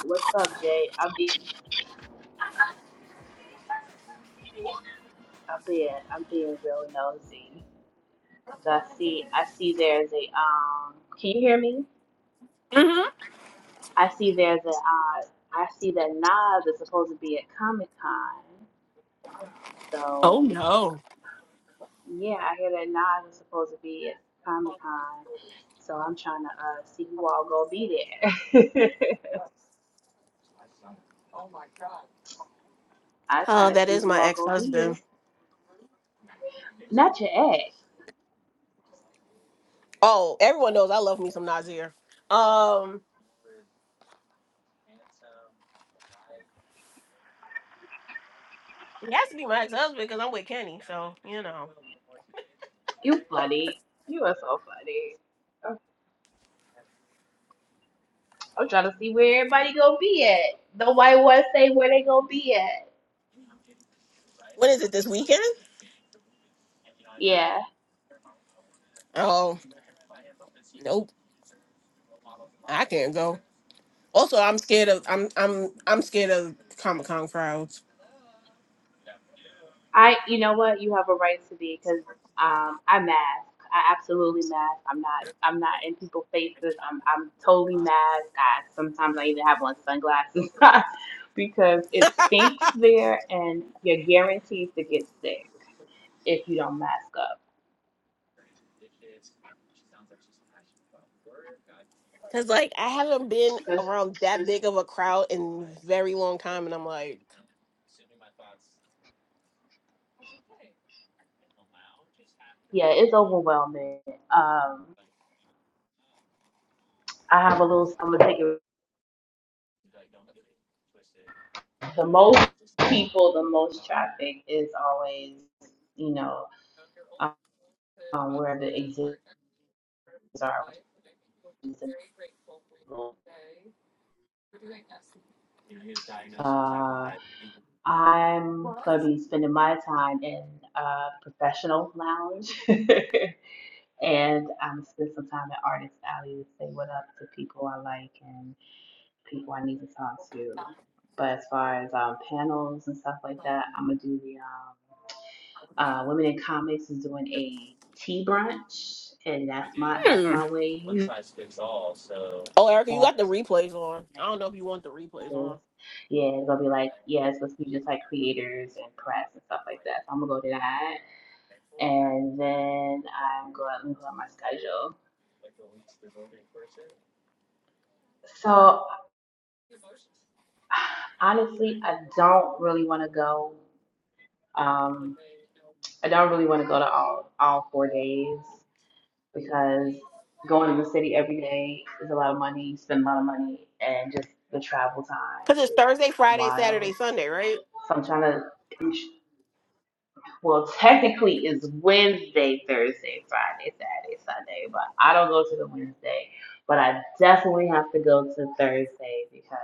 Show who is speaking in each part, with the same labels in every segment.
Speaker 1: What's up, Jay? I'm being, I'm being, I'm being real nosy because I see, I see there's a um. Can you hear me?
Speaker 2: hmm
Speaker 1: I see there's a uh. I see that Nas is supposed to be at Comic Con.
Speaker 2: Oh
Speaker 1: So
Speaker 2: no.
Speaker 1: yeah, I hear that Nas is supposed to be at Comic Con. So I'm trying to uh see who all gonna be there. I'm trying
Speaker 2: Oh,
Speaker 1: to
Speaker 2: that
Speaker 1: see
Speaker 2: is
Speaker 1: who
Speaker 2: my
Speaker 1: all
Speaker 2: ex
Speaker 1: gonna be in.
Speaker 2: husband.
Speaker 1: Not your ex.
Speaker 2: Oh, everyone knows I love me some Nazir. Um, he has to be my ex husband because I'm with Kenny, so you know.
Speaker 1: You funny. You are so funny. I'm trying to see where everybody gonna be at. Nobody want to say where they gonna be at.
Speaker 2: When is it this weekend?
Speaker 1: Yeah,
Speaker 2: Oh, nope, I can't go. Also, I'm scared of I'm I'm I'm scared of Comic Con crowds
Speaker 1: I. You know what? You have a right to be because um, I mask. I absolutely mask. I'm not. I'm not in people's faces. I'm. I'm totally masked. I sometimes I even have on sunglasses because it stinks there, and you're guaranteed to get sick if you don't mask up.
Speaker 2: because like I haven't been
Speaker 1: Cause
Speaker 2: around that big of a crowd in very long time, and I'm like,
Speaker 1: yeah, it's overwhelming. Um, I have a little. I'm gonna take it. the most people, the most traffic is always, you know, um, where the exits are. uh, I'm gonna be spending my time in a professional lounge, and I'm gonna spend some time at Artist Alley to say what up to people I like and people I need to talk to. But as far as um, panels and stuff like that, I'm gonna do the um, Uh, Women in Comics is doing a tea brunch, and that's my that's
Speaker 2: Hmm.
Speaker 1: my wave.
Speaker 2: oh, Erica, you got the replays on. I don't know if you want the replays on
Speaker 1: Yeah, it's gonna be like, yeah, it's supposed to be just like creators and press and stuff like that. So I'm gonna go to that. And then I'm going to on my schedule. So honestly, I don't really wanna go. Um, I don't really wanna go to all all four days. because going to the city every day is a lot of money, spend a lot of money, and just the travel time
Speaker 2: because it's Thursday,
Speaker 1: is
Speaker 2: Friday,
Speaker 1: wild.
Speaker 2: Saturday, Sunday, right?
Speaker 1: So I'm trying to, well, technically it's Wednesday, Thursday, Friday, Saturday, Sunday, but I don't go to the Wednesday, but I definitely have to go to Thursday because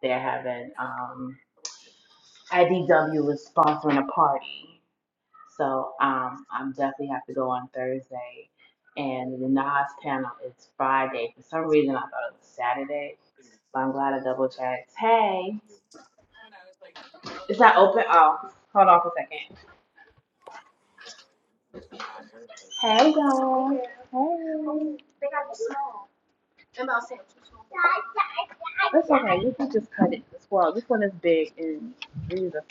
Speaker 1: they're having, um, IDW is sponsoring a party. So um, I'm definitely have to go on Thursday. And the Nas panel is Friday. For some reason, I thought it was Saturday, but I'm glad I double checked. Hey, is that open? Oh, hold on for a second. Hey, y'all. Hey. I'm about sandwiches. Okay, you can just cut it as well. This one is big and these are-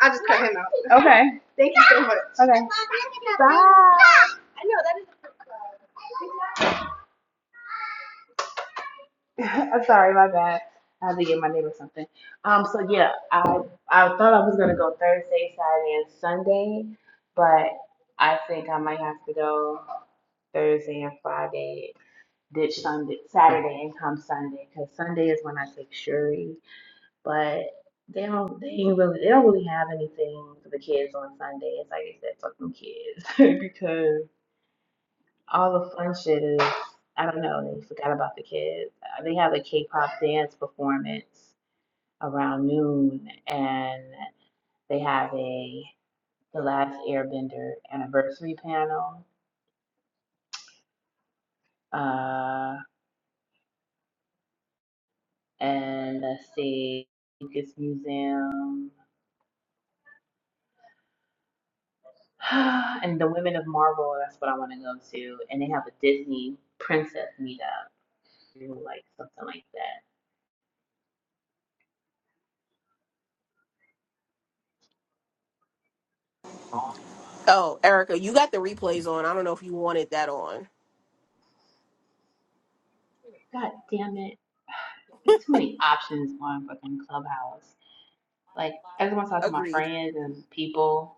Speaker 1: I just him out. Okay. Thank you so much. Okay. I'm sorry, my bad. I had to get my neighbor something. Um, so yeah, I I thought I was gonna go Thursday, Saturday, and Sunday, but I think I might have to go Thursday and Friday, ditch Sunday, Saturday, and come Sunday, cause Sunday is when I take Shuri. But they don't, they ain't really, they don't really have anything for the kids on Sunday. It's like I said, fuck them kids, because all the fun shit is I don't know. They forgot about the kids. Uh, They have a K-pop dance performance around noon, and they have a The Last Airbender anniversary panel. Uh, and let's see, Lucas Museum, and the Women of Marvel. That's what I want to go to. And they have a Disney princess meetup, or like something like that.
Speaker 2: Oh, Erica, you got the replays on. I don't know if you wanted that on.
Speaker 1: God damn it! There's too many options on fucking Clubhouse. Like, every time I just want to talk to my
Speaker 2: Agreed.
Speaker 1: friends and people.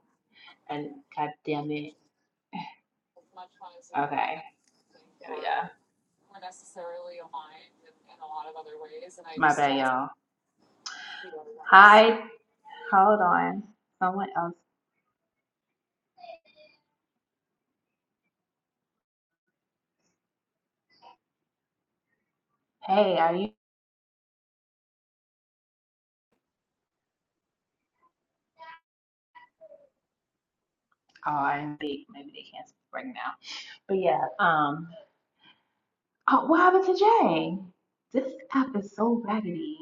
Speaker 1: And god damn it. Okay, there we go. My bad, y'all. Hi. Hold on. Someone else. Hey, are you? Oh, I'm big. Maybe they can't speak right now. But yeah. Um. Oh, what happened to Jay? This app is so raggedy,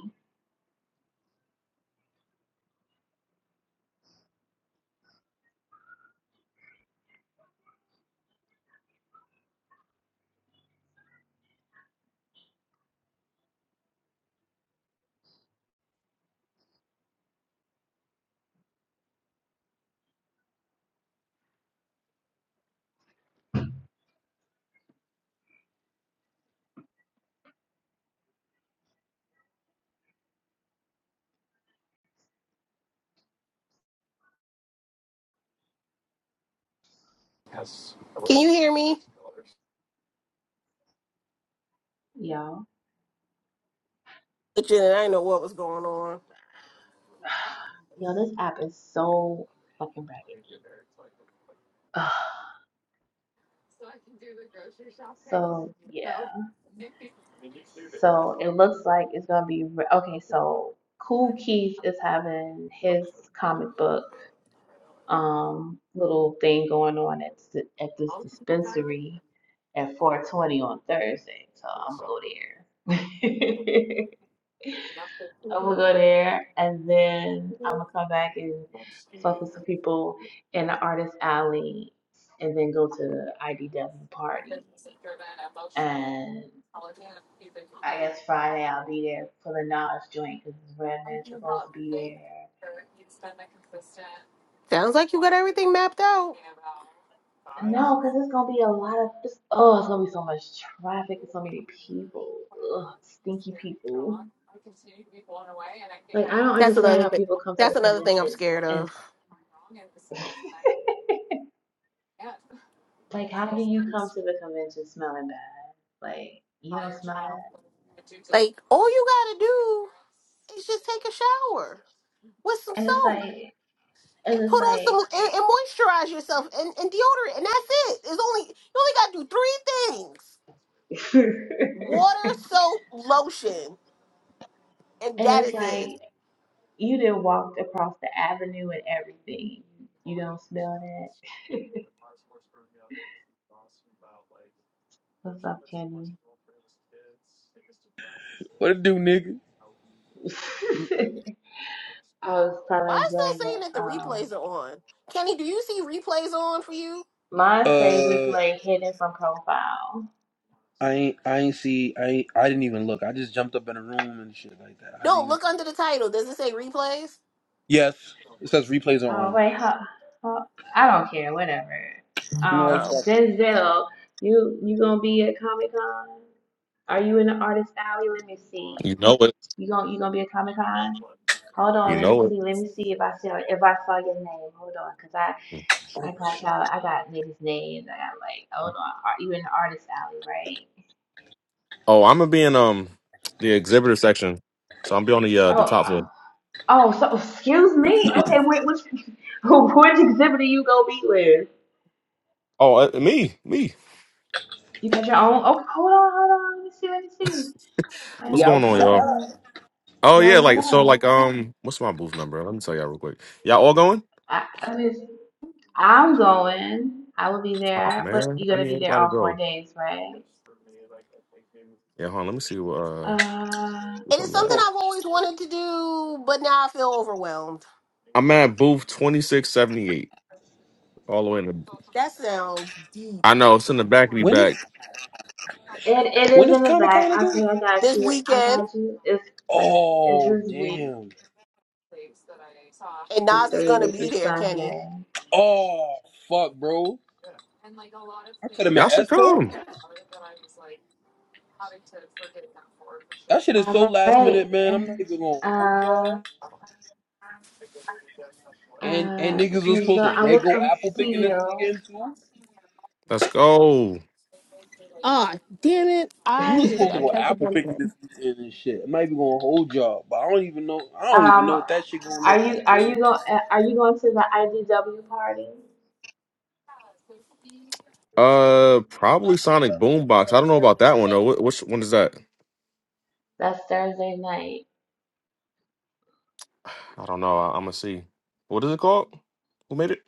Speaker 2: Can you hear me?
Speaker 1: yo.
Speaker 2: But you I didn't know what was going on.
Speaker 1: Yo, this app is so fucking raggedy. Ugh. So yeah. So it looks like it's gonna be okay. So Cool Keith is having his comic book um little thing going on at at this dispensary at 4:20 on Thursday. So I'm gonna go there. I'm gonna go there, and then I'm gonna come back and fuck with some people in the artist alley, and then go to the IDW party. and. I guess Friday I'll be there for the knowledge joint because Redman's supposed to be there.
Speaker 2: Sounds like you got everything mapped out.
Speaker 1: No, because it's gonna be a lot of this. Oh, it's gonna be so much traffic. and So many people. Ugh, stinky people. Like I don't
Speaker 2: That's
Speaker 1: understand
Speaker 2: another
Speaker 1: how
Speaker 2: thing.
Speaker 1: people come to
Speaker 2: That's
Speaker 1: the
Speaker 2: another thing I'm
Speaker 1: conventions
Speaker 2: scared
Speaker 1: and
Speaker 2: of.
Speaker 1: like how do you come to the convention smelling bad? Like you don't smell that.
Speaker 2: Like all you gotta do is just take a shower with some
Speaker 1: And it's
Speaker 2: soap
Speaker 1: like and
Speaker 2: and put
Speaker 1: it's
Speaker 2: on some
Speaker 1: like
Speaker 2: and, and moisturize yourself and, and deodorant, and that's it. It's only you only gotta do three things: water, soap, lotion, and
Speaker 1: and
Speaker 2: that
Speaker 1: it's
Speaker 2: is
Speaker 1: like
Speaker 2: it.
Speaker 1: You done walked across the avenue and everything. You don't smell that. What's up, Kenny?
Speaker 3: What it do, nigga? You-
Speaker 1: I was
Speaker 2: Why
Speaker 1: telling
Speaker 2: is
Speaker 1: Jay
Speaker 2: that saying that
Speaker 1: that
Speaker 2: the
Speaker 1: um,
Speaker 2: replays are on? Kenny, do you see replays on for you?
Speaker 1: mine say
Speaker 3: Uh,
Speaker 1: replay hidden from profile.
Speaker 3: I ain't, I ain't see, I, ain't, I didn't even look. I just jumped up in a room and shit like that. I
Speaker 2: No,
Speaker 3: didn't.
Speaker 2: look under the title. Does it say replays?
Speaker 3: Yes, it says replays are
Speaker 1: Oh
Speaker 3: on.
Speaker 1: wait, huh, huh, I don't care, whatever.
Speaker 3: You know, what?
Speaker 2: Oh.
Speaker 1: Um,
Speaker 3: fuck it.
Speaker 1: Denzel, you you gonna be at Comic Con? Are you in the artist alley? Let me see.
Speaker 4: You know it.
Speaker 1: You gonna you gonna be at Comic Con? Hold on,
Speaker 4: You
Speaker 1: let me
Speaker 4: know it.
Speaker 1: see. Let me see if I see if I saw your name. Hold on, cause I. I
Speaker 3: Oh
Speaker 1: got
Speaker 3: shit,
Speaker 1: y'all. I got niggas' names. I got like, hold on, ar- you in the artist alley, right?
Speaker 4: Oh, I'm gonna be in um the exhibitor section, so I'm be on the uh
Speaker 1: Oh,
Speaker 4: the top
Speaker 1: uh,
Speaker 4: floor.
Speaker 1: oh. So excuse me. Okay, wait, which which exhibit are you gonna be with?
Speaker 4: Oh, uh, me, me.
Speaker 1: You got your own? Okay, hold on, hold on. Let me see. Let me see.
Speaker 3: we
Speaker 4: What's
Speaker 1: Hey,
Speaker 4: going on,
Speaker 1: hold
Speaker 3: outside.
Speaker 4: y'all?
Speaker 1: on.
Speaker 4: Oh
Speaker 1: Yo,
Speaker 4: yeah,
Speaker 1: what
Speaker 4: like so, like
Speaker 1: up?
Speaker 4: um, what's my booth number? Let me tell y'all real quick. Y'all all going?
Speaker 1: I, I just, I'm going. I will be
Speaker 4: Oh
Speaker 1: there, but
Speaker 4: man,
Speaker 1: you're
Speaker 4: I
Speaker 1: gonna
Speaker 4: need
Speaker 1: be there
Speaker 4: everybody to
Speaker 1: all four
Speaker 4: go.
Speaker 1: days, right?
Speaker 4: Yeah, hold on. Let me see what uh
Speaker 1: Uh,
Speaker 2: It
Speaker 4: what's
Speaker 2: is
Speaker 4: on
Speaker 2: something
Speaker 4: that.
Speaker 3: Oh,
Speaker 2: I've always wanted to do, but now I feel overwhelmed.
Speaker 4: I'm at booth twenty six seventy eight, all the way in the.
Speaker 2: That sounds deep.
Speaker 4: I know it's in the back. of Be
Speaker 3: when is
Speaker 4: back.
Speaker 1: it it
Speaker 3: when
Speaker 1: is
Speaker 3: is
Speaker 1: in the
Speaker 3: Comic
Speaker 1: back.
Speaker 3: Con again?
Speaker 1: Okay, I got
Speaker 2: This
Speaker 1: you. I
Speaker 2: weekend,
Speaker 1: got you. It's it's
Speaker 3: Oh
Speaker 1: this week.
Speaker 3: damn.
Speaker 2: and
Speaker 1: through
Speaker 2: Nas is gonna
Speaker 1: Thursday
Speaker 2: be
Speaker 1: through
Speaker 2: there, Kenny.
Speaker 1: Sunday.
Speaker 3: Oh fuck, bro. I could have
Speaker 4: Y'all
Speaker 3: met
Speaker 4: should
Speaker 3: Espo.
Speaker 4: come.
Speaker 3: That shit is so
Speaker 1: All
Speaker 3: last
Speaker 1: right.
Speaker 3: minute, man. I'm not even gonna hold
Speaker 1: Uh,
Speaker 3: y'all. And and
Speaker 1: uh,
Speaker 3: niggas was supposed
Speaker 1: Giselle,
Speaker 3: to
Speaker 1: I
Speaker 3: they
Speaker 1: will
Speaker 3: go
Speaker 1: come to
Speaker 3: apple
Speaker 1: see
Speaker 3: picking this
Speaker 1: you.
Speaker 3: weekend too.
Speaker 4: Let's go.
Speaker 2: Ah, damn it.
Speaker 3: We
Speaker 2: I
Speaker 3: were
Speaker 2: just
Speaker 3: supposed to
Speaker 2: gotta
Speaker 3: go
Speaker 2: catch up
Speaker 3: apple
Speaker 2: on
Speaker 3: picking
Speaker 2: that.
Speaker 3: this weekend and shit. It might be gonna hold y'all, but I don't even know. I don't even know
Speaker 1: um,
Speaker 3: what that shit gonna
Speaker 1: are
Speaker 3: look
Speaker 1: you
Speaker 3: like,
Speaker 1: are you
Speaker 3: dude.
Speaker 1: going are you going to the IDW party?
Speaker 4: Uh, probably Sonic Boombox. I don't know about that one though. Wh- Which one is that?
Speaker 1: That's Thursday night.
Speaker 4: I don't know. I, I'm gonna see. What is it called? Who made it?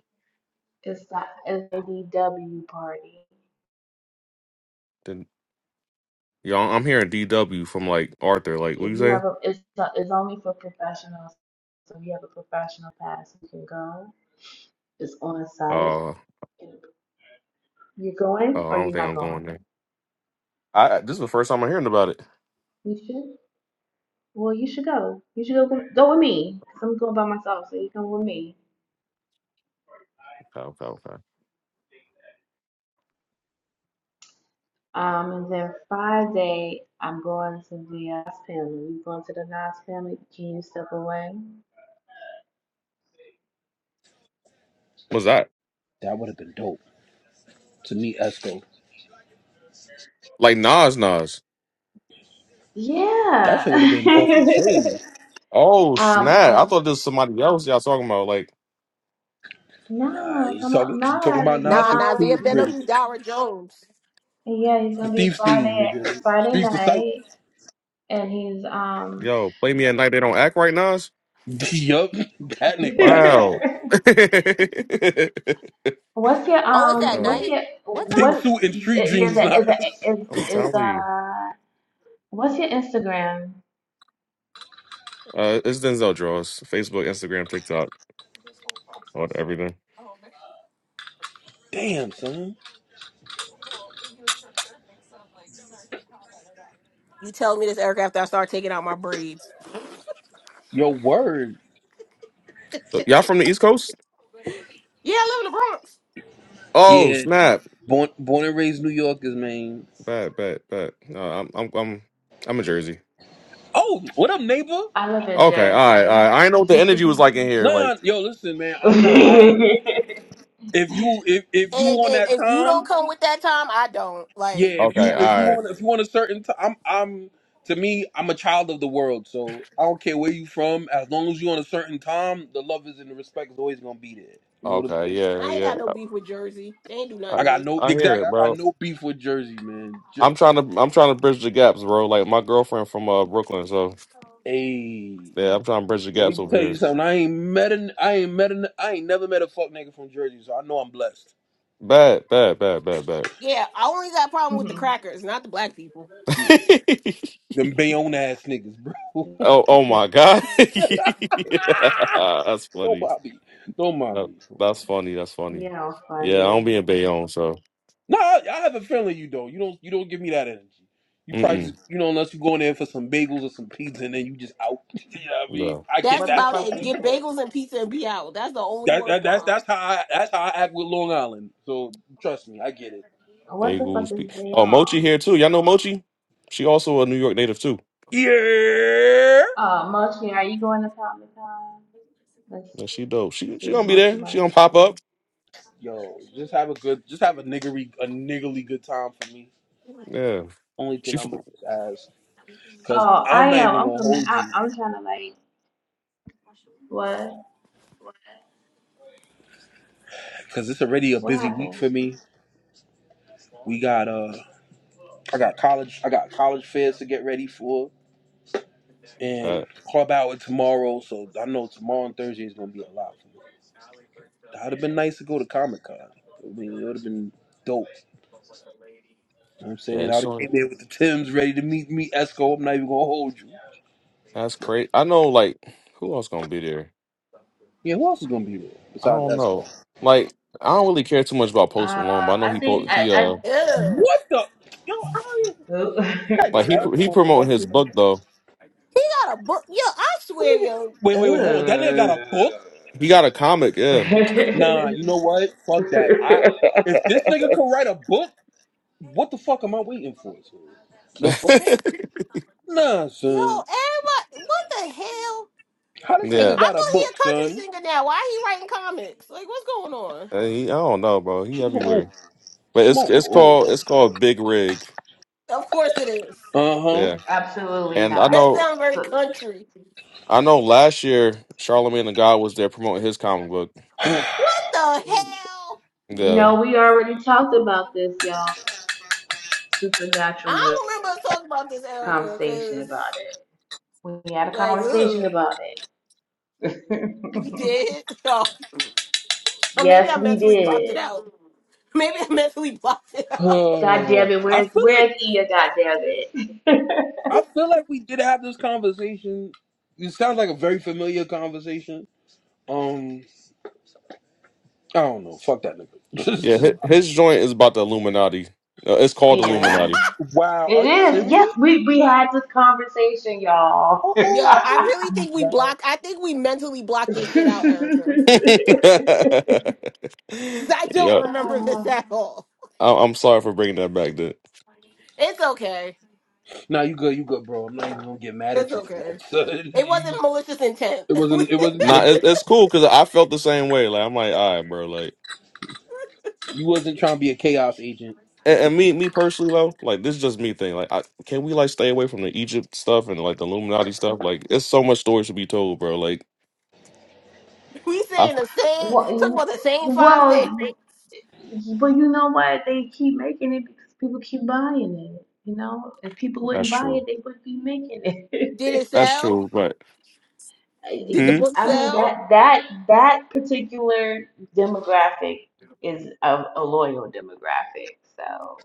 Speaker 1: It's the it's the IDW party.
Speaker 4: Then yo, I'm hearing DW from like Arthur. Like, what
Speaker 1: If
Speaker 4: you
Speaker 1: you have
Speaker 4: saying?
Speaker 1: a, it's it's only for professionals. So if you have a professional pass, you can go. It's on
Speaker 4: Uh,
Speaker 1: site.
Speaker 4: uh
Speaker 1: You're going or
Speaker 4: I don't
Speaker 1: you're
Speaker 4: think
Speaker 1: not
Speaker 4: I'm going
Speaker 1: going?
Speaker 4: there. I I- this is the first time I'm hearing about it.
Speaker 1: You should. Well, you should go. You should go go with me. i I'm going by myself, so you come with me.
Speaker 4: Okay, okay, okay.
Speaker 1: Um, and then Friday, I'm going to the Nas family. You going to the Nas family? Can you step away?
Speaker 4: What's that?
Speaker 3: That would have been dope to meet Esco.
Speaker 4: Like Nas, Nas.
Speaker 3: That
Speaker 1: Yeah.
Speaker 3: shit would have been off the chain.
Speaker 4: Oh
Speaker 1: um,
Speaker 4: snap! I
Speaker 1: um,
Speaker 4: thought this was somebody else y'all talking about. Like,
Speaker 3: Nah,
Speaker 1: no,
Speaker 3: he's
Speaker 1: come
Speaker 3: talking.
Speaker 1: on,
Speaker 3: He's talking
Speaker 1: Nas,
Speaker 3: about Nas
Speaker 2: Nah,
Speaker 3: from
Speaker 2: Nas,
Speaker 1: Nas,
Speaker 2: you
Speaker 3: Queens
Speaker 2: been
Speaker 1: Nas.
Speaker 3: Bridge,
Speaker 2: on Dara Jones.
Speaker 1: Yeah, he's
Speaker 3: the
Speaker 1: gonna be
Speaker 3: Thief's theme,
Speaker 1: Friday,
Speaker 3: nigga.
Speaker 1: Friday
Speaker 3: Streets disciple.
Speaker 1: night, and he's um.
Speaker 4: yo, play me at night. They don't act right, Nas.
Speaker 3: yup, that nigga, that Nas.
Speaker 4: Wow.
Speaker 1: What's your
Speaker 2: Oh, it's at
Speaker 1: um? What's
Speaker 4: yo,
Speaker 2: night?
Speaker 1: your
Speaker 2: What time
Speaker 3: Pink
Speaker 2: is
Speaker 1: what's
Speaker 2: it?
Speaker 3: suit and
Speaker 1: is
Speaker 3: street dreams,
Speaker 1: the is the
Speaker 3: Nas.
Speaker 1: is
Speaker 4: I'm
Speaker 1: is
Speaker 4: telling you.
Speaker 1: uh? What's your Instagram?
Speaker 4: Uh, it's Denzel Draws. Facebook, Instagram, TikTok, all everything.
Speaker 3: Damn, son.
Speaker 2: You tell me this, Eric, after I start taking out my braids.
Speaker 3: Your word.
Speaker 4: So, Y'all from the East Coast?
Speaker 2: Yeah, I live in the Bronx.
Speaker 4: Oh
Speaker 3: Yeah.
Speaker 1: Oh,
Speaker 4: snap!
Speaker 3: Born, born and raised New Yorkers, man.
Speaker 4: Bad, bad, bad. No, I'm, I'm, I'm, I'm in Jersey.
Speaker 3: Oh, what up, neighbor?
Speaker 1: I live in
Speaker 4: Okay, all right, all
Speaker 1: Jersey.
Speaker 4: right. I didn't know what the energy was like in here. Like,
Speaker 3: Nah, yo, listen, man. I'm not. I. If you if if you on
Speaker 2: And,
Speaker 3: that
Speaker 2: and if you don't
Speaker 3: time,
Speaker 2: come with that time, I don't.
Speaker 3: yeah.
Speaker 2: Like,
Speaker 3: If
Speaker 4: okay,
Speaker 3: you if
Speaker 4: all
Speaker 3: you
Speaker 4: right,
Speaker 3: on if you on a certain time, I'm I'm to me I'm a child of the world, so I don't care where you from. As long as you on a certain time, the love is and the respect is always gonna be there. You know what I'm
Speaker 4: okay,
Speaker 3: saying?
Speaker 4: yeah,
Speaker 2: I ain't
Speaker 4: yeah.
Speaker 2: got no beef with Jersey. They ain't do nothing
Speaker 4: I,
Speaker 3: I
Speaker 2: to
Speaker 3: got
Speaker 2: me.
Speaker 3: no
Speaker 4: I hear
Speaker 3: exactly.
Speaker 4: it,
Speaker 3: I got
Speaker 4: bro.
Speaker 3: no beef with Jersey, man. Jer-
Speaker 4: I'm trying to, I'm trying to bridge the gaps, bro. Like my girlfriend from uh Brooklyn, so
Speaker 3: hey,
Speaker 4: yeah, I'm trying to bridge the
Speaker 3: let
Speaker 4: gaps
Speaker 3: me
Speaker 4: over
Speaker 3: tell
Speaker 4: here.
Speaker 3: you something. I ain't met an I ain't met an I ain't never met a fuck nigga from Jersey, so I know I'm blessed.
Speaker 4: Bad, bad, bad, bad, bad.
Speaker 2: Yeah, I only got problem with the
Speaker 1: Mhm.
Speaker 2: crackers, not the black people.
Speaker 3: Yeah, them Bayonne ass niggas, bro.
Speaker 4: oh, oh my god, yeah, that's
Speaker 3: don't
Speaker 4: funny.
Speaker 3: mind me. Don't mind
Speaker 4: That,
Speaker 3: me.
Speaker 4: that's funny. That's funny.
Speaker 1: yeah,
Speaker 4: Yeah, I don't
Speaker 1: funny.
Speaker 4: be in Bayonne, so
Speaker 3: No, I, I have a feeling you don't. You don't. You don't give me that energy. You probably just,
Speaker 4: mm-mm.
Speaker 3: you know, unless you go in there for some bagels or some pizza, and then you just out. you know what I
Speaker 4: no.
Speaker 3: mean, I get
Speaker 2: That's
Speaker 1: What
Speaker 3: that
Speaker 1: the
Speaker 2: about
Speaker 1: fuck
Speaker 3: part
Speaker 2: it.
Speaker 1: is
Speaker 3: too.
Speaker 2: Get
Speaker 1: that?
Speaker 2: bagels and pizza and be out. That's the only
Speaker 3: That, that that's
Speaker 2: worthwhile.
Speaker 3: that's how I that's how I act with Long Island. So trust me, I get it.
Speaker 1: What the fuck
Speaker 4: Daegu
Speaker 1: is
Speaker 4: speak. Oh, Mochi
Speaker 1: Bayonne?
Speaker 4: here too. Y'all know Mochi? She also a New York native too.
Speaker 3: Yeah.
Speaker 1: Uh, Mochi, are you going to Comic Con? Let's
Speaker 4: Yeah, she dope. She she
Speaker 1: see if
Speaker 4: gonna be
Speaker 1: Mochi
Speaker 4: there.
Speaker 1: went.
Speaker 4: She gonna pop up.
Speaker 3: Yo, just have a good, just have a niggery, a niggly good time for me.
Speaker 4: Yeah.
Speaker 3: Only thing
Speaker 4: She f-
Speaker 3: I'm gonna just ask, cause
Speaker 1: Oh, I
Speaker 3: I'm not
Speaker 1: am.
Speaker 3: even
Speaker 1: I'm
Speaker 3: gonna
Speaker 1: coming.
Speaker 3: hold
Speaker 1: I,
Speaker 3: you,
Speaker 1: I'm trying to like what?
Speaker 3: cause it's already a
Speaker 1: What
Speaker 3: busy week
Speaker 1: happened?
Speaker 3: for me. We got uh, I got college, I got college fairs to get ready for.
Speaker 4: uh,
Speaker 3: and club hour tomorrow. So I know tomorrow and Thursday is gonna be a lot for me. That would have been nice to go to Comic Con. I mean, it would have been dope. You know what I'm saying
Speaker 4: yeah,
Speaker 3: I
Speaker 4: she
Speaker 3: would have
Speaker 4: gonna,
Speaker 3: came there with the Tims ready to meet me, Esco. I'm not even gonna hold you.
Speaker 4: that's crazy. I know like who else gonna be there?
Speaker 3: Yeah, who else is gonna be there
Speaker 4: I
Speaker 3: besides
Speaker 4: don't know.
Speaker 3: Esco?
Speaker 4: Like I don't really care too much about Post Malone, but
Speaker 1: Uh,
Speaker 4: I know
Speaker 1: I
Speaker 4: he po-
Speaker 1: think I
Speaker 4: he
Speaker 1: I.
Speaker 4: uh
Speaker 2: Ugh.
Speaker 3: What the yo? I ain't- That
Speaker 4: like he
Speaker 3: draft
Speaker 4: pr- he promoting his
Speaker 3: motherfucker. That
Speaker 4: book though.
Speaker 2: got a book? yo. I swear,
Speaker 3: nigga-
Speaker 2: yo,
Speaker 3: Wait, wait, wait. Hold on. That nigga got a
Speaker 1: Ooh.
Speaker 3: book.
Speaker 4: He got a comic, yeah.
Speaker 3: Nah, you know what? Fuck that. I if this nigga could write a book, what the fuck am I waiting for? son? The fuck? Nah, son.
Speaker 2: yo, everybody, what the hell?
Speaker 3: How this
Speaker 4: yeah.
Speaker 3: nigga
Speaker 2: I thought
Speaker 3: got a
Speaker 2: he
Speaker 3: book,
Speaker 2: a country
Speaker 3: son?
Speaker 2: singer now. Why he writing comics? Like, what's going on?
Speaker 4: Uh, he, I don't know, bro. He
Speaker 3: Come
Speaker 4: everywhere.
Speaker 3: on,
Speaker 4: But
Speaker 3: come
Speaker 4: it's
Speaker 3: on,
Speaker 4: it's
Speaker 3: boy.
Speaker 4: called it's called Big Rig.
Speaker 2: Of course it is.
Speaker 3: Uh
Speaker 4: Yeah.
Speaker 1: Absolutely
Speaker 4: And I
Speaker 2: That
Speaker 1: not.
Speaker 4: know
Speaker 2: sounds very
Speaker 1: So,
Speaker 2: country.
Speaker 4: I know last year Charlemagne the God was there promoting his comic book.
Speaker 3: huh.
Speaker 2: What the hell?
Speaker 4: The
Speaker 1: No, we already talked about this, y'all.
Speaker 2: I
Speaker 1: Supernatural joy
Speaker 2: don't remember us talking about this, Erica,
Speaker 1: conversation
Speaker 2: because,
Speaker 1: about it. We had a
Speaker 2: like,
Speaker 1: conversation
Speaker 2: ugh,
Speaker 1: about it.
Speaker 2: we did. Oh, or maybe I
Speaker 1: yes, we
Speaker 2: mentally blocked it
Speaker 1: did.
Speaker 2: out. Maybe I mentally blocked it out.
Speaker 1: God
Speaker 3: Uh,
Speaker 1: damn it,
Speaker 3: I
Speaker 1: where's
Speaker 3: feel like
Speaker 1: where's Ia? God damn it.
Speaker 3: I feel like we did have this conversation. It sounds like a very familiar conversation. Um, I don't know. Fuck that nigga. It's
Speaker 4: yeah,
Speaker 3: just-
Speaker 4: his, his joint is about the Illuminati. No, it's called
Speaker 1: yeah,
Speaker 4: Illuminati.
Speaker 3: wow, are
Speaker 1: it
Speaker 3: you
Speaker 1: is.
Speaker 3: serious?
Speaker 1: Yes, we we had this conversation, y'all.
Speaker 3: Oh, oh
Speaker 2: Yo,
Speaker 3: that
Speaker 2: I
Speaker 3: dude.
Speaker 2: really think we blocked, I think we mentally blocked this shit out, Erica.
Speaker 4: yeah,
Speaker 2: Because I don't remember this
Speaker 1: Oh,
Speaker 2: at all.
Speaker 4: I, I'm sorry for bringing that back. Then
Speaker 2: It's okay.
Speaker 3: Nah, you good, you good, bro. I'm not even gonna get mad
Speaker 2: It's
Speaker 3: at you for
Speaker 2: okay.
Speaker 3: that. son.
Speaker 2: It
Speaker 3: You
Speaker 2: wasn't
Speaker 3: just-
Speaker 2: malicious intent.
Speaker 3: it
Speaker 2: we,
Speaker 3: wasn't. It wasn't.
Speaker 4: nah,
Speaker 3: It,
Speaker 4: it's
Speaker 3: it-
Speaker 4: it's cool because I felt the same way. Like I'm like, all right, bro. Like,
Speaker 3: you wasn't trying to be a chaos agent.
Speaker 4: and,
Speaker 3: It's
Speaker 4: and
Speaker 3: okay.
Speaker 4: me, me personally though, like this is just me thing. Like, I, can we like stay away from the Egypt stuff and like the Illuminati stuff? Like, it's so much stories to be told, bro. Like,
Speaker 2: we
Speaker 4: I,
Speaker 2: saying the same, talking
Speaker 1: well,
Speaker 2: about the same five things.
Speaker 1: well, But you know what? They keep making it because people keep buying it. You know, if people
Speaker 4: that's
Speaker 1: wouldn't buy it,
Speaker 4: true.
Speaker 1: they wouldn't be making
Speaker 2: Did it
Speaker 1: it.
Speaker 4: That's
Speaker 2: sell?
Speaker 4: true. But
Speaker 1: I
Speaker 2: Did the
Speaker 4: hmm,
Speaker 2: book
Speaker 1: I mean
Speaker 2: sell?
Speaker 1: that that that particular demographic is a, a loyal demographic, so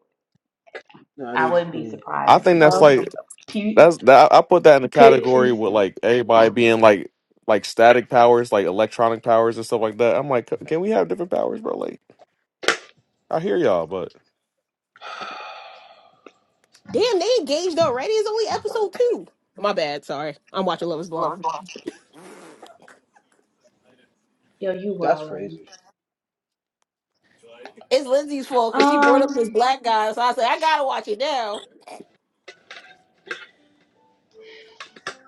Speaker 3: Nah, that
Speaker 1: I
Speaker 3: is
Speaker 1: wouldn't be
Speaker 3: true.
Speaker 1: surprised
Speaker 4: I
Speaker 1: if he
Speaker 4: think that's
Speaker 2: Oh.
Speaker 1: pushed
Speaker 4: like
Speaker 1: some. P,
Speaker 4: That's that. I put that in the
Speaker 1: p,
Speaker 4: category
Speaker 1: p,
Speaker 4: with like everybody being like like static powers, like electronic powers and stuff like that. I'm like, can we have different powers, bro? Like, I hear y'all, but.
Speaker 2: Damn, they engaged already. It's only episode two. My bad. Sorry. I'm watching Love is Blind.
Speaker 1: yo, you
Speaker 3: That's
Speaker 1: wildin'.
Speaker 3: crazy.
Speaker 2: It's Lindsay's fault because she brought up this
Speaker 1: Um,
Speaker 2: black guy. So I said, I got to watch it now.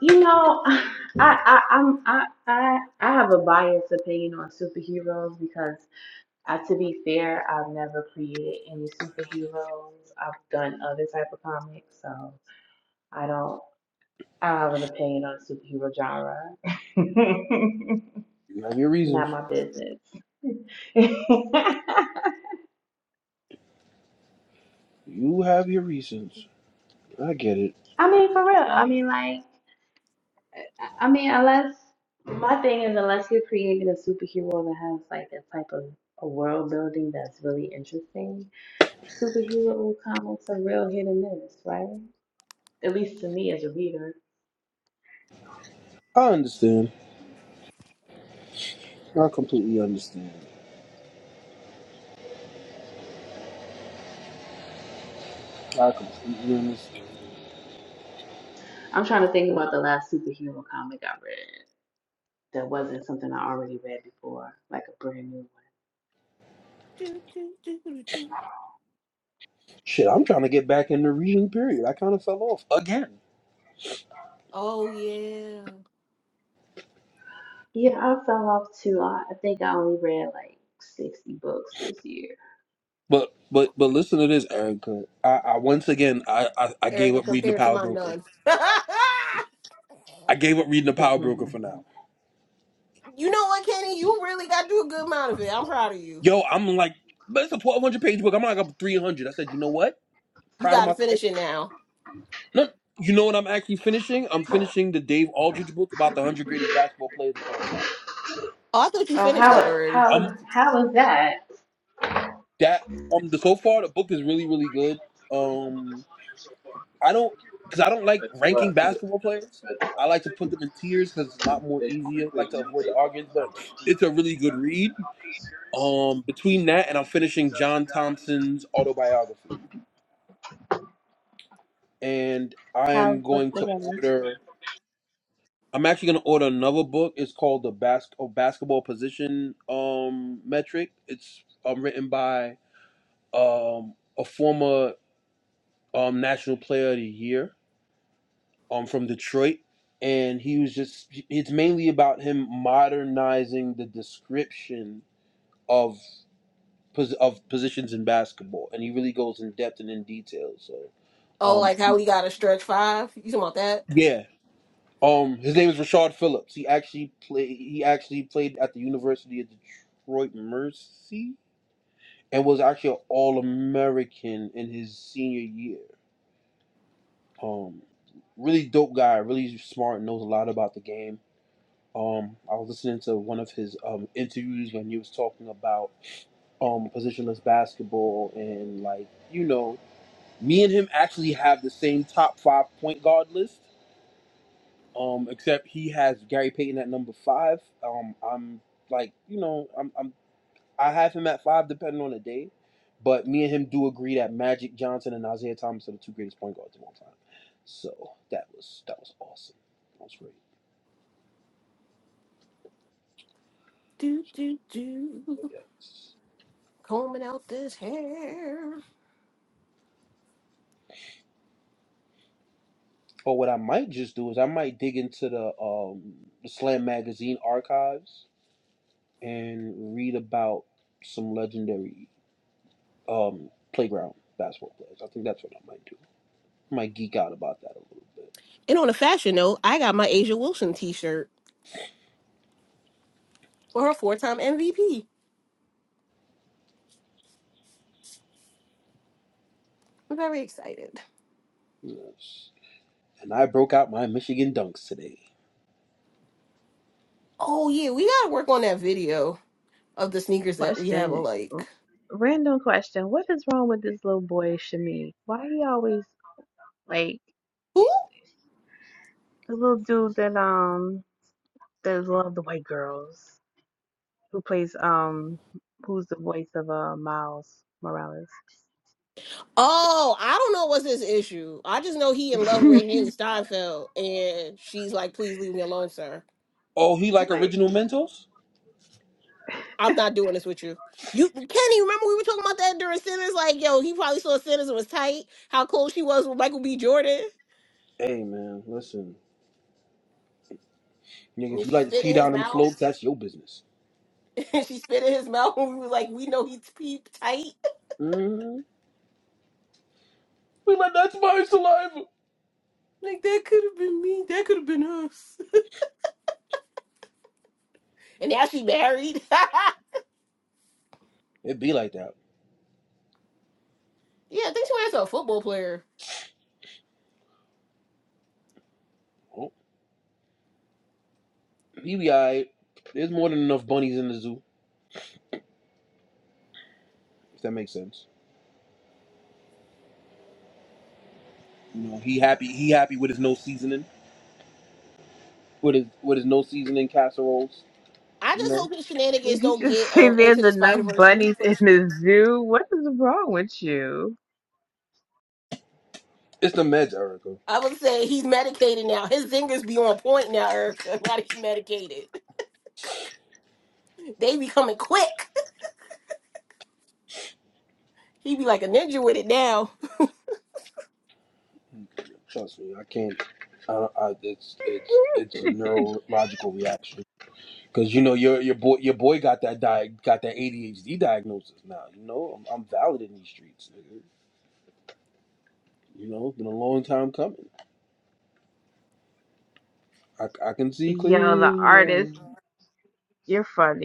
Speaker 1: you know, I I I'm I I I have a biased opinion on superheroes because. Uh, to be fair, I've never created any superheroes. I've done other type of comics, so I don't. I don't have an opinion on the superhero genre.
Speaker 3: You have your reasons.
Speaker 1: Not my business. I
Speaker 3: You have your reasons. I get it.
Speaker 1: mean, for real. I mean, like, I mean, unless my thing is, unless you're creating a superhero that has like a type of a world building that's really interesting, superhero comics are real hit and miss, right? At least to me as a reader.
Speaker 3: I understand. I completely understand. I completely understand.
Speaker 1: I'm trying to think about the last superhero comic I read that wasn't something I already read before, like a brand new one.
Speaker 2: Do, do, do, do, do.
Speaker 3: Shit, I'm trying to get back in the reading period. I kind of fell off again.
Speaker 2: Oh, yeah.
Speaker 1: Yeah, I fell off too. I, I think I only read like 60 books this year.
Speaker 3: But but but listen to this, Erica. I, I once again I, I I gave
Speaker 2: Erica,
Speaker 3: up reading the
Speaker 2: compared to
Speaker 3: Power
Speaker 2: my
Speaker 3: Broker.
Speaker 2: nuns.
Speaker 3: I gave up reading the Power Broker for now.
Speaker 2: you know what, Kenny? You really got to do a good amount of it. I'm proud of you.
Speaker 3: Yo, I'm like, but it's a 1,200 page book. I'm like up 300. I said, you know what?
Speaker 2: You
Speaker 3: Proud of
Speaker 2: got to
Speaker 3: myself.
Speaker 2: finish it now.
Speaker 3: No, you know what? I'm actually finishing. I'm finishing the Dave Aldridge book about the 100 greatest basketball players of all time.
Speaker 2: Oh, I thought you
Speaker 1: Oh,
Speaker 2: finished that
Speaker 1: how
Speaker 2: already.
Speaker 3: I'm.
Speaker 1: how how is that?
Speaker 3: that um the so far the book is really really good um i don't because i don't like ranking basketball players i like to put them in tiers because it's a lot more easier I like to avoid the arguments but it's a really good read um between that and i'm finishing john thompson's autobiography and i
Speaker 1: How's
Speaker 3: am
Speaker 1: this
Speaker 3: going to
Speaker 1: together?
Speaker 3: order i'm actually going to order another book it's called the Bas- oh, basketball position um metric it's um, written by um a former um national player of the year um from Detroit, and he was just it's mainly about him modernizing the description of pos- of positions in basketball, and he really goes in depth and in detail. So,
Speaker 2: Oh, like how
Speaker 3: um,
Speaker 2: we got to stretch five? You talking about that?
Speaker 3: yeah, um, his name is Rashard Phillips. He actually play he actually played at the University of Detroit Mercy and was actually an All American in his senior year. Um, really dope guy, really smart, knows a lot about the game Um, I was listening to one of his um, interviews when he was talking about um, positionless basketball and like you know, me and him actually have the same top five point guard list. Um, except he has Gary Payton at number five. Um, I'm like you know, I'm, I'm I have him at five depending on the day, but me and him do agree that Magic Johnson and Isaiah Thomas are the two greatest point guards of all time. So that was that was awesome. That was great.
Speaker 2: Do, do, do.
Speaker 3: So, Yes.
Speaker 2: combing out this hair.
Speaker 3: Or what I might just do is I might dig into the um the Slam magazine archives and read about some legendary um playground basketball players. I think that's what I might do. I might geek out about that a little bit.
Speaker 2: And on a fashion note, I got my Asia Wilson t-shirt for her four-time MVP. I'm very excited.
Speaker 3: Yes. And I broke out my Michigan dunks today.
Speaker 2: Oh yeah, we gotta work on that video of the sneakers that we have alike.
Speaker 1: Random question. What is wrong with this little boy Shami? Why he always like
Speaker 2: Who?
Speaker 1: the little dude that um that love the white girls who plays um who's the voice of uh Miles Morales?
Speaker 2: Oh, I don't know what's his issue. I just know he in love with his Steinfeld, and she's like, "Please leave me alone, sir.
Speaker 3: Oh, he like original Mentos?
Speaker 2: I'm not doing this with you." You Kenny, remember we were talking about that during Sinners? Like, yo, he probably saw Sinners and was tight. How close she was with Michael B. Jordan,
Speaker 3: Hey man, listen. Nigga, if
Speaker 2: and
Speaker 3: you
Speaker 2: she
Speaker 3: like to
Speaker 2: spit
Speaker 3: ski
Speaker 2: in his
Speaker 3: down them
Speaker 2: mouth.
Speaker 3: slopes, that's your business.
Speaker 2: and she spit in his mouth. And we was like, we know he's peep tight.
Speaker 3: Mm-hmm. We like that's my saliva.
Speaker 2: Like that could have been me. That could have been us. And now she married. yeah,
Speaker 3: It be like that.
Speaker 2: I think she married to a football player.
Speaker 3: Oh, he be alright. There's more than enough bunnies in the zoo. if that makes sense. You know, he happy he happy with his no seasoning, with his with his no seasoning casseroles.
Speaker 2: I
Speaker 3: You
Speaker 2: just
Speaker 3: know,
Speaker 2: hope his shenanigans
Speaker 1: Did you
Speaker 2: don't
Speaker 1: just
Speaker 2: get
Speaker 1: say
Speaker 2: um into
Speaker 1: there's
Speaker 2: the
Speaker 1: enough
Speaker 2: Spider Verse three
Speaker 1: bunnies in
Speaker 2: push.
Speaker 1: the zoo? What is wrong with you?
Speaker 3: it's the meds, Erica.
Speaker 2: I would say he's medicated now. His zingers be on point now, Erica. Now that he's medicated, they be coming quick. He be like a ninja with it now.
Speaker 3: Trust me, I can't. I, I, it's it's it's a neurological reaction because you know your your boy your boy got that di- got that ADHD diagnosis now. You know, I'm, I'm valid in these streets. Nigga. You know, it's been a long time coming. I, I can see
Speaker 1: Yes,
Speaker 3: clearly now.
Speaker 1: you're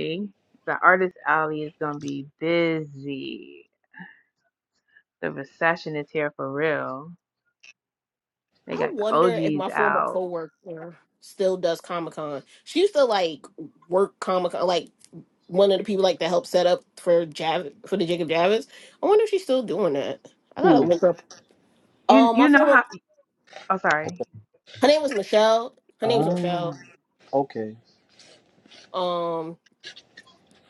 Speaker 1: f***ing the RBD. The recession is here for real. They
Speaker 2: I
Speaker 1: got the
Speaker 2: wonder if my
Speaker 1: OGs
Speaker 2: former
Speaker 1: out.
Speaker 2: coworker still does Comic Con. She used to like work Comic Con, like one of the people like that helped set up for Jav for the Jacob Javis. I wonder if she's still doing that. I gotta
Speaker 3: Ooh,
Speaker 2: look her. up.
Speaker 1: You
Speaker 2: Um, my former her name was Michelle. Her name was
Speaker 3: ah,
Speaker 2: Michelle.
Speaker 3: okay.
Speaker 2: Um,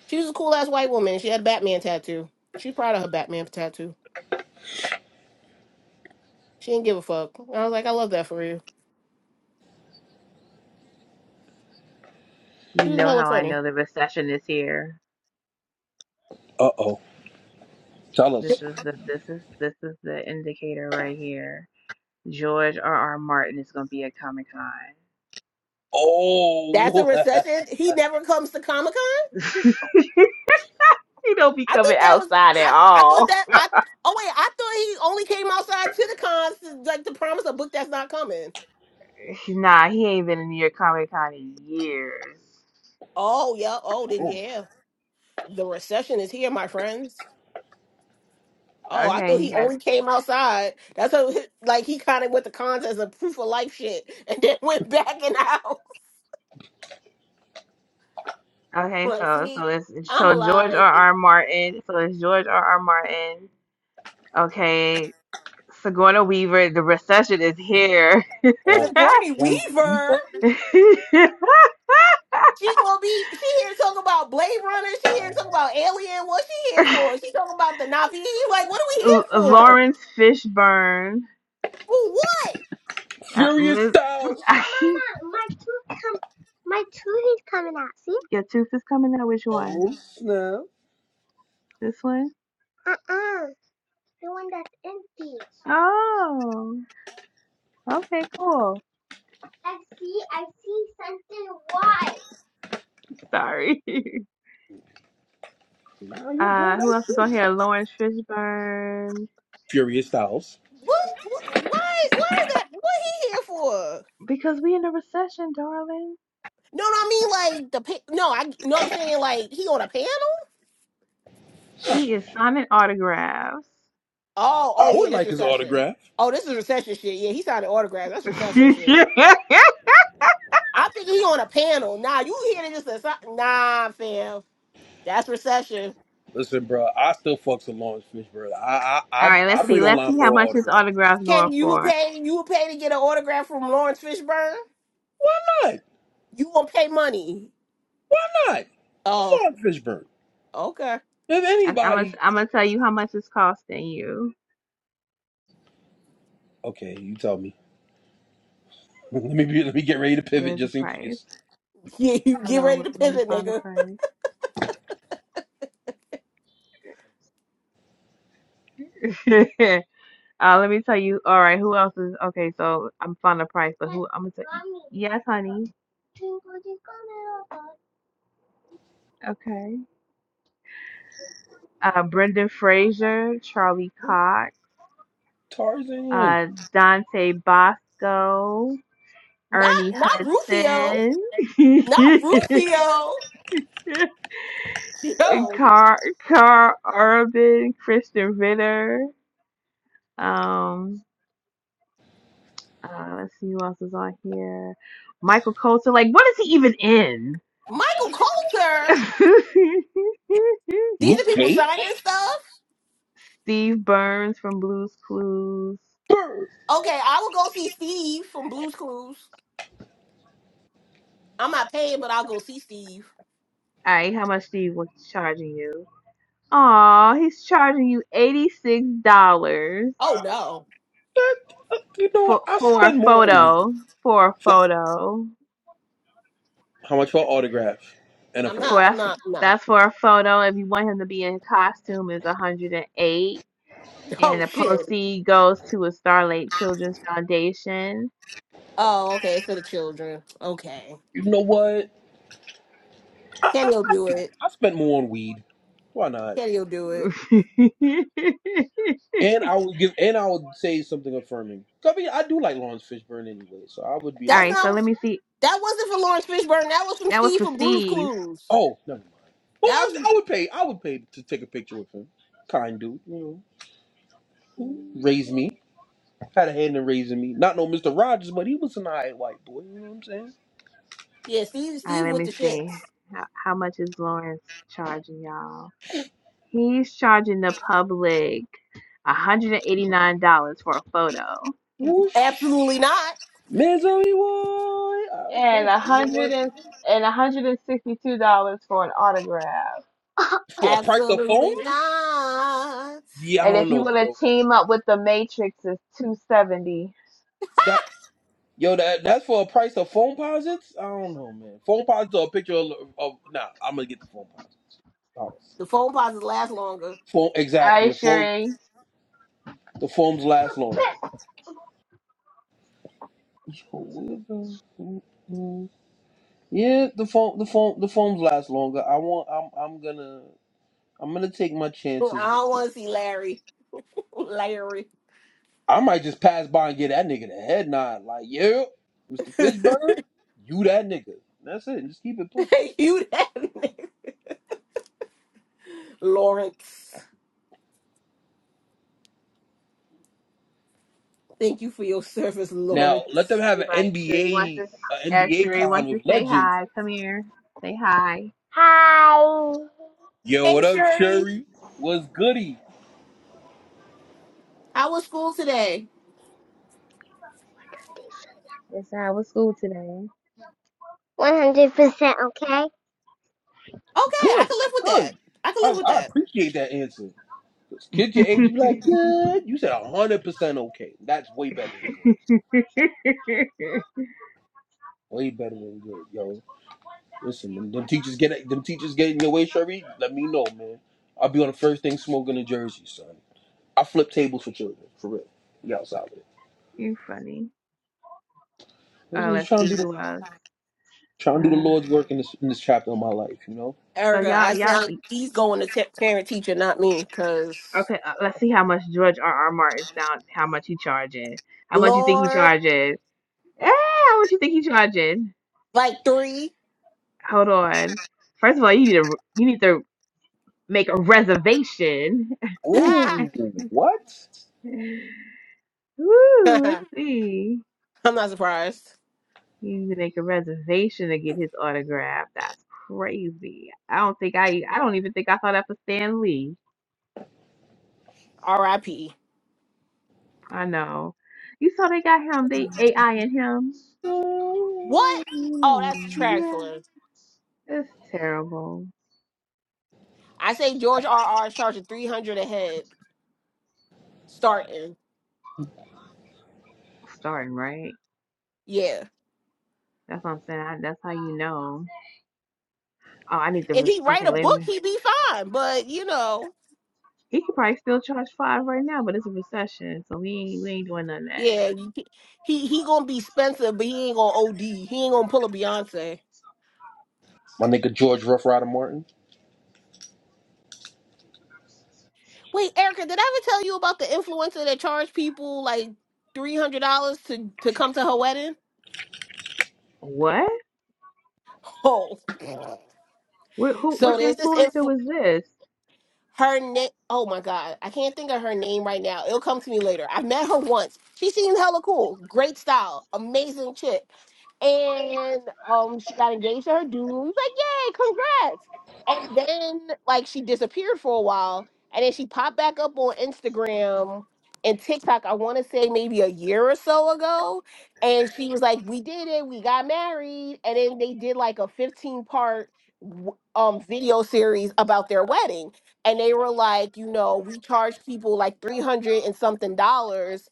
Speaker 2: she was a cool ass white woman. She had a Batman tattoo. She proud of her Batman tattoo. She didn't give a fuck. I was like, I love that for you.
Speaker 1: know,
Speaker 2: She was hella funny.
Speaker 1: yeah,
Speaker 3: Uh oh, tell us.
Speaker 1: this is the this is this is their George R. R. Martin
Speaker 2: That's a
Speaker 3: Oh,
Speaker 2: recession. He never comes to Comic Con.
Speaker 1: He don't be
Speaker 2: I thought
Speaker 1: coming
Speaker 2: that was.
Speaker 1: outside
Speaker 2: I
Speaker 1: at
Speaker 2: I thought that
Speaker 1: all.
Speaker 2: I. Oh wait, I thought he only came outside to the cons to, like to promise a book that's not coming.
Speaker 1: Nah, he ain't been in New York Comic Con in years.
Speaker 2: Oh yeah. Oh then yeah. The recession is here, my friends. Oh, I
Speaker 1: Okay,
Speaker 2: thought he
Speaker 1: you got
Speaker 2: only came outside. That's how, like, he kind of went to cons as a proof of life shit and then went back and out.
Speaker 1: okay.
Speaker 2: Like,
Speaker 1: So
Speaker 2: see,
Speaker 1: so it's
Speaker 2: I'm
Speaker 1: so George
Speaker 2: alive.
Speaker 1: R. R. Martin. So it's George R. R. Martin. Okay, Sigourney Weaver, the recession is here.
Speaker 3: Oh,
Speaker 2: Sigourney
Speaker 3: on
Speaker 2: Weaver,
Speaker 3: Eva?
Speaker 2: she gonna be, she here talking about Blade Runner. She here talking about Alien. What she here for? She talking about the Navi. You Like, what are we here
Speaker 1: L-
Speaker 2: for?
Speaker 1: Lawrence Fishburne.
Speaker 2: For what?
Speaker 1: Uh,
Speaker 3: Furious
Speaker 1: Liz,
Speaker 3: Styles.
Speaker 1: your tooth is coming out. Which one?
Speaker 3: Oh, snap.
Speaker 1: This one? Oh, okay, cool. Sorry.
Speaker 3: Now you
Speaker 1: Uh,
Speaker 3: good, I
Speaker 1: who else is on
Speaker 3: see.
Speaker 1: here? Lawrence Fishburne.
Speaker 3: Furious Styles.
Speaker 2: What? what why? Why is that? What he here for?
Speaker 1: Because we in a recession, darling.
Speaker 2: No, no, I mean like the pa- no, I no, I'm saying like he on a panel.
Speaker 1: He is signing autographs.
Speaker 2: Oh,
Speaker 3: I
Speaker 2: oh yeah,
Speaker 3: would
Speaker 2: that's
Speaker 3: like his
Speaker 2: recession.
Speaker 3: autograph.
Speaker 2: Oh, this is recession shit. Yeah, he signed an autograph. That's
Speaker 1: All
Speaker 2: recession shit. I think he on a panel. Nah, you hearing this? as- Nah, fam. That's recession.
Speaker 3: Listen, bro, I still fucks with Lawrence Fishburne. I, I, I'd,
Speaker 1: right,
Speaker 3: I'd
Speaker 1: let's
Speaker 3: wait
Speaker 1: see. Let's
Speaker 3: online
Speaker 1: see
Speaker 3: for
Speaker 1: how
Speaker 3: an
Speaker 1: much his
Speaker 3: autograph.
Speaker 1: autograph's going
Speaker 2: Can you would
Speaker 1: for.
Speaker 2: pay? You would pay to get an autograph from Lawrence Fishburne?
Speaker 3: Why not?
Speaker 2: You will pay money.
Speaker 3: Why not? It's
Speaker 2: Oh,
Speaker 3: Lawrence Fishburne.
Speaker 2: okay.
Speaker 3: If
Speaker 1: I, I'm gonna
Speaker 3: anybody,
Speaker 1: I'm gonna tell you how much it's costing you.
Speaker 3: okay, you tell me. let me be, let me get ready to pivot
Speaker 1: Where's the
Speaker 3: just in
Speaker 1: price?
Speaker 3: case.
Speaker 2: Yeah, you
Speaker 1: Hold
Speaker 2: get
Speaker 1: on,
Speaker 2: ready
Speaker 1: let
Speaker 2: to
Speaker 1: let me
Speaker 2: pivot,
Speaker 1: find the
Speaker 2: nigga.
Speaker 1: price. uh, let me tell you. All right, who else is okay? So I'm finding the price, but who, I'm gonna tell. Yes, honey. Okay. Uh, Brendan Fraser, Charlie Cox,
Speaker 3: Tarzan,
Speaker 1: uh, Dante Bosco,
Speaker 2: Not,
Speaker 1: Ernie
Speaker 2: not Rufio.
Speaker 1: Hudson,
Speaker 2: Not Rufio. Yo,
Speaker 1: Car Car Urban, Kristen Ritter. Um, Uh, let's see who else is on here. Michael Coulter. Like, what is he even in?
Speaker 2: Michael Coulter. These are
Speaker 3: Luke
Speaker 2: people
Speaker 3: Cage,
Speaker 2: signing stuff.
Speaker 1: Steve Burns from Blues Clues.
Speaker 3: Bird.
Speaker 2: Okay, I will go see Steve from Blue's Clues. I'm not paying, but I'll go see Steve.
Speaker 1: All right, how much Steve was charging you? Aw, he's charging you eighty-six dollars
Speaker 2: Oh no,
Speaker 3: That, uh, you know,
Speaker 1: for
Speaker 3: what? I
Speaker 1: for a
Speaker 3: spend more on weed.
Speaker 1: photo. For a photo.
Speaker 3: How much for an autograph and a
Speaker 2: I'm
Speaker 3: photo?
Speaker 1: For
Speaker 2: not. I'm
Speaker 1: that's
Speaker 2: not. No.
Speaker 1: that's for a photo. If you want him to be in costume, is hundred and eight,
Speaker 2: Oh
Speaker 1: and the
Speaker 2: shit.
Speaker 1: proceed goes to a Starlight Children's Foundation.
Speaker 2: Oh, okay. It's for the children. Okay.
Speaker 3: You know what? I, I,
Speaker 2: Kenny will
Speaker 3: I
Speaker 2: do
Speaker 3: do.
Speaker 2: it.
Speaker 3: I spent more on weed. Why not?
Speaker 2: Kenny will do it.
Speaker 3: And I would give. And I would say something affirming. 'Cause I mean, I do like Lawrence Fishburne anyway, so I would be
Speaker 1: All
Speaker 2: That's
Speaker 3: like,
Speaker 1: right, so
Speaker 2: not.
Speaker 1: let me see.
Speaker 2: That wasn't for Lawrence Fishburne. That was from
Speaker 1: That was
Speaker 2: Steve
Speaker 1: for
Speaker 2: from Blue's
Speaker 1: Steve.
Speaker 2: Clues.
Speaker 3: oh, never mind. Well,
Speaker 2: That
Speaker 3: I,
Speaker 2: was
Speaker 3: I would pay. I would pay to take a picture with him. Kind dude, you know. who Raised me. Had a hand in raising me. Not no Mister Rogers, but he was an alright white boy. You know what I'm saying?
Speaker 2: yeah. Steve.
Speaker 1: All
Speaker 2: Steve
Speaker 1: right, let
Speaker 2: with
Speaker 1: me
Speaker 2: the
Speaker 1: see.
Speaker 2: shits.
Speaker 1: How, how much is Lawrence charging y'all? He's charging the public $189 for a photo.
Speaker 3: Whoosh,
Speaker 2: Absolutely not.
Speaker 3: misery boy. Ah,
Speaker 1: And
Speaker 3: Okay,
Speaker 1: a
Speaker 3: you know
Speaker 1: hundred
Speaker 3: what?
Speaker 1: and and one hundred and sixty-two dollars for an autograph.
Speaker 3: For a price of
Speaker 2: Absolutely
Speaker 3: phones?
Speaker 2: not.
Speaker 3: Yeah, I
Speaker 1: And
Speaker 3: don't
Speaker 1: if you
Speaker 3: know,
Speaker 1: want
Speaker 3: bro.
Speaker 1: to team up with the Matrix, it's two hundred seventy.
Speaker 3: Yo, that that's for a price of phone posits. I don't know, man. Phone posits or a picture of, of nah. I'm gonna get the phone posits. Honestly,
Speaker 2: The phone pauses last longer.
Speaker 3: phone
Speaker 1: dollars. All
Speaker 3: exactly.
Speaker 1: right,
Speaker 3: The phone
Speaker 1: Sheree.
Speaker 3: the foams last longer. Yo, where's the- mm, mm. Yeah, the foam the foam the foams last longer. I want. I'm I'm gonna I'm gonna take my
Speaker 2: I
Speaker 3: chances.
Speaker 2: don't want to see Larry. Larry.
Speaker 3: I might just pass by and get that nigga the head nod. Like, yeah,
Speaker 2: you
Speaker 3: Mr. Fishburne, you that nigga. That's it. Just keep it pushing.
Speaker 2: that nigga. Lawrence. Thank you for your service,
Speaker 3: Now let them
Speaker 2: Lawrence.
Speaker 3: have an
Speaker 1: Everybody, Sheree wants to.
Speaker 3: NBA a
Speaker 1: Uh,
Speaker 3: NBA
Speaker 1: Sheree
Speaker 3: con
Speaker 1: wants
Speaker 3: with
Speaker 1: to say
Speaker 3: legends
Speaker 1: hi. Come here. Say hi.
Speaker 3: Yo,
Speaker 2: Hey,
Speaker 3: what up,
Speaker 2: Shuri.
Speaker 3: Sherry? What's goody?
Speaker 2: How was school today?
Speaker 1: Yes, I was school today.
Speaker 2: Okay, I
Speaker 3: Good,
Speaker 2: can live with that.
Speaker 3: good.
Speaker 2: I can
Speaker 3: I,
Speaker 2: live with
Speaker 3: I
Speaker 2: that.
Speaker 3: appreciate that answer. Kid your age, be like, good. You said 100% okay. That's way better than good. Way better than good, yo. Listen, them, them teachers get them teachers get in your way, Sherry. Let me know, man. I'll be on the first thing smoking in Jersey, son. I flip tables for children, for real. Be outside with it.
Speaker 1: you funny. Uh,
Speaker 3: Listen, just
Speaker 1: let's
Speaker 3: trying to
Speaker 1: see
Speaker 3: do the,
Speaker 1: who else.
Speaker 3: trying to do the
Speaker 1: Uh,
Speaker 3: Lord's work in this in this chapter of my life, you know.
Speaker 1: so
Speaker 2: Erica,
Speaker 1: y'all,
Speaker 2: I
Speaker 1: y'all.
Speaker 2: said he's going to t- parent teacher, not me, because
Speaker 1: Okay, uh, let's see how much George R. R. Martin's down. How much he charging? How much you think he
Speaker 2: Lord,
Speaker 1: charging? Eh, how much you think he charging?
Speaker 2: like three.
Speaker 1: Hold on. First of all, you need to you need to make a reservation.
Speaker 3: Ooh, what?
Speaker 1: Woo, let's
Speaker 2: I'm
Speaker 1: see.
Speaker 2: not surprised.
Speaker 1: You need to make a reservation to get his autograph. That's crazy. I don't think I I don't even think I saw that for Stan Lee.
Speaker 2: R.I.P.
Speaker 1: I know. You saw they got him. They AI in him.
Speaker 2: What? Oh, that's
Speaker 1: Yeah.
Speaker 2: trifling.
Speaker 1: It's terrible.
Speaker 2: I say George R.R. is charging 300 a head starting.
Speaker 1: Starting right.
Speaker 2: Yeah.
Speaker 1: That's what I'm saying. I, that's how you know. Oh, I need to.
Speaker 2: If
Speaker 1: Re-
Speaker 2: he write
Speaker 1: okay,
Speaker 2: a
Speaker 1: let
Speaker 2: book,
Speaker 1: me.
Speaker 2: he'd be fine. But, you know.
Speaker 1: He could probably still charge five right now, but it's a recession, so we ain't we ain't doing none of that.
Speaker 2: Yeah, you, he he gonna be Spencer, but he ain't gonna OD. He ain't gonna pull a Beyonce.
Speaker 3: My nigga George Rough Rider Martin.
Speaker 2: Wait, Erica, did I ever tell you about the influencer that charged people like three hundred dollars to to come to her wedding?
Speaker 1: What?
Speaker 2: Oh,
Speaker 1: Wh- who?
Speaker 2: so
Speaker 1: Which
Speaker 2: there's this
Speaker 1: influencer
Speaker 2: influ
Speaker 1: was this?
Speaker 2: her name. Oh my god, I can't think of her name right now. It'll come to me later. I met her once. She seemed hella cool, great style, amazing chick. and um she got engaged to her dude. He was like, Yay, congrats. And then like she disappeared for a while and then she popped back up on Instagram and TikTok, I wanna say maybe a year or so ago. And she was like, We did it, we got married, and then they did like a 15 part um video series about their wedding and they were like you know we charged people like 300 and something dollars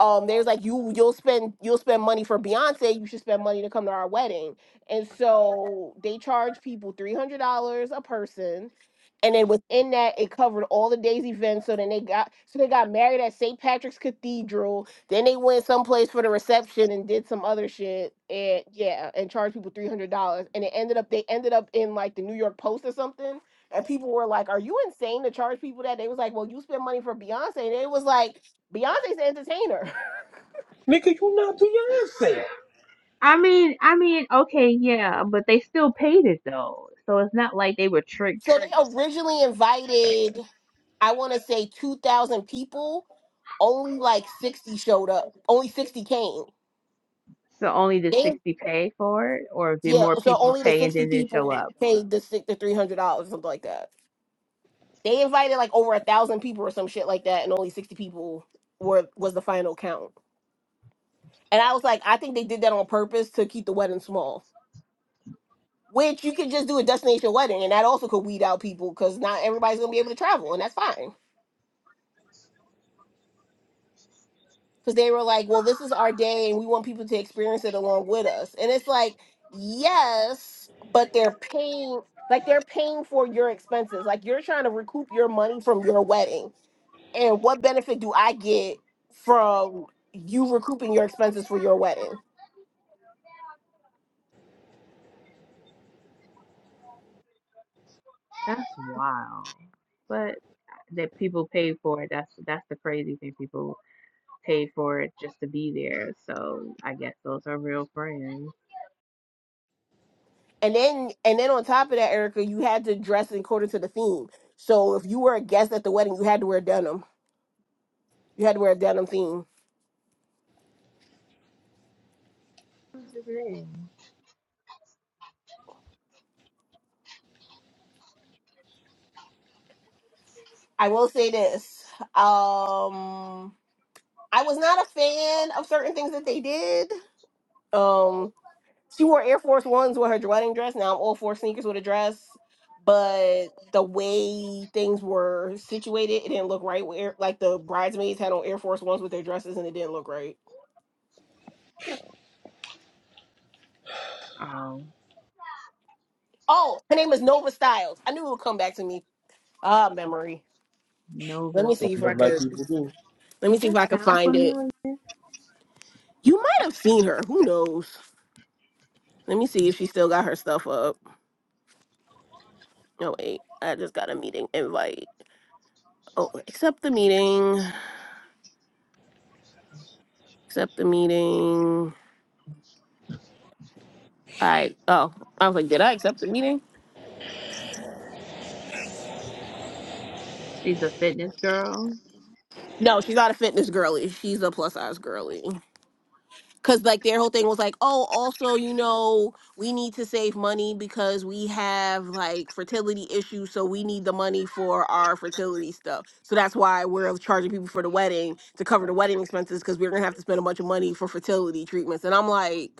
Speaker 2: um they was like you you'll spend you'll spend money for Beyonce, you should spend money to come to our wedding. And so they charge people three hundred dollars a person. And then within that, it covered all the day's events. So then they got so they got married at St. Patrick's Cathedral. Then they went someplace for the reception and did some other shit. And yeah, and charged people three hundred dollars. And it ended up they ended up in like the New York Post or something. And people were like, "Are you insane to charge people that?" They was like, "Well, you spend money for Beyonce." And it was like, Beyonce's an entertainer.
Speaker 3: Nigga, you not Beyonce.
Speaker 1: I mean, I mean, okay, yeah, but they still paid it though, so it's not like they were tricked.
Speaker 2: So they originally invited, I want to say, 2,000 people. Only like 60 showed up. Only 60 came.
Speaker 1: So only the
Speaker 2: They,
Speaker 1: sixty pay for it, or did
Speaker 2: yeah,
Speaker 1: more
Speaker 2: so
Speaker 1: people
Speaker 2: only the
Speaker 1: pay and
Speaker 2: 60
Speaker 1: then didn't show
Speaker 2: people
Speaker 1: up?
Speaker 2: paid the, six- the $300 or something like that. They invited like over a thousand people or some shit like that, and only 60 people were was the final count. And I was like, I think they did that on purpose to keep the wedding small. Which you could just do a destination wedding, and that also could weed out people because not everybody's gonna be able to travel, and that's fine. because they were like, well, this is our day and we want people to experience it along with us. And it's like, yes, but they're paying, like, they're paying for your expenses. Like, you're trying to recoup your money from your wedding. And what benefit do I get from you recouping your expenses for your wedding?
Speaker 1: That's wild. But uh, that people paid for it. That's that's the crazy thing people paid for it just to be there. So I guess those are real friends.
Speaker 2: And then, and then on top of that, Erica, you had to dress according to the theme. So if you were a guest at the wedding, you had to wear denim. You had to wear a denim theme. I will say this. Um, I was not a fan of certain things that they did. Um, she wore Air Force Ones with her wedding dress. Now I'm all for sneakers with a dress, but the way things were situated, it didn't look right. Where like the bridesmaids had on Air Force Ones with their dresses, and it didn't look right.
Speaker 1: Um,
Speaker 2: Oh, her name is Nova Styles. I knew it would come back to me. Ah, memory. Let
Speaker 1: Nova
Speaker 2: me see
Speaker 3: Don't
Speaker 2: if I
Speaker 3: live like
Speaker 2: could.
Speaker 1: South.
Speaker 3: people do.
Speaker 2: Let me
Speaker 1: Does
Speaker 2: see if
Speaker 1: that
Speaker 2: I could
Speaker 1: sound
Speaker 2: find it.
Speaker 1: familiar?
Speaker 2: You might have seen her. Who knows? Let me see if she still got her stuff up. No, wait. I just got a meeting invite. Oh, accept the meeting. Accept the meeting. I oh, I was like, did I accept the meeting?
Speaker 1: She's a fitness girl.
Speaker 2: No, she's not a fitness girly. She's a plus size girly. Cause like their whole thing was like, oh, also, you know, we need to save money because we have like fertility issues, so we need the money for our fertility stuff. So that's why we're charging people for the wedding to cover the wedding expenses because we're gonna have to spend a bunch of money for fertility treatments. And I'm like,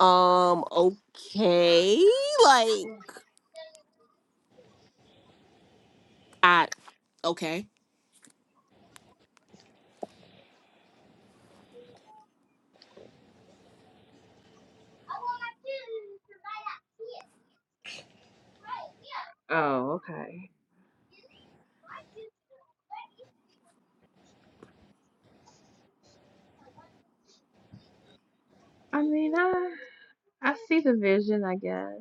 Speaker 2: Um, okay. Like, I, okay.
Speaker 1: Oh, okay. I mean, I I see the vision, I guess.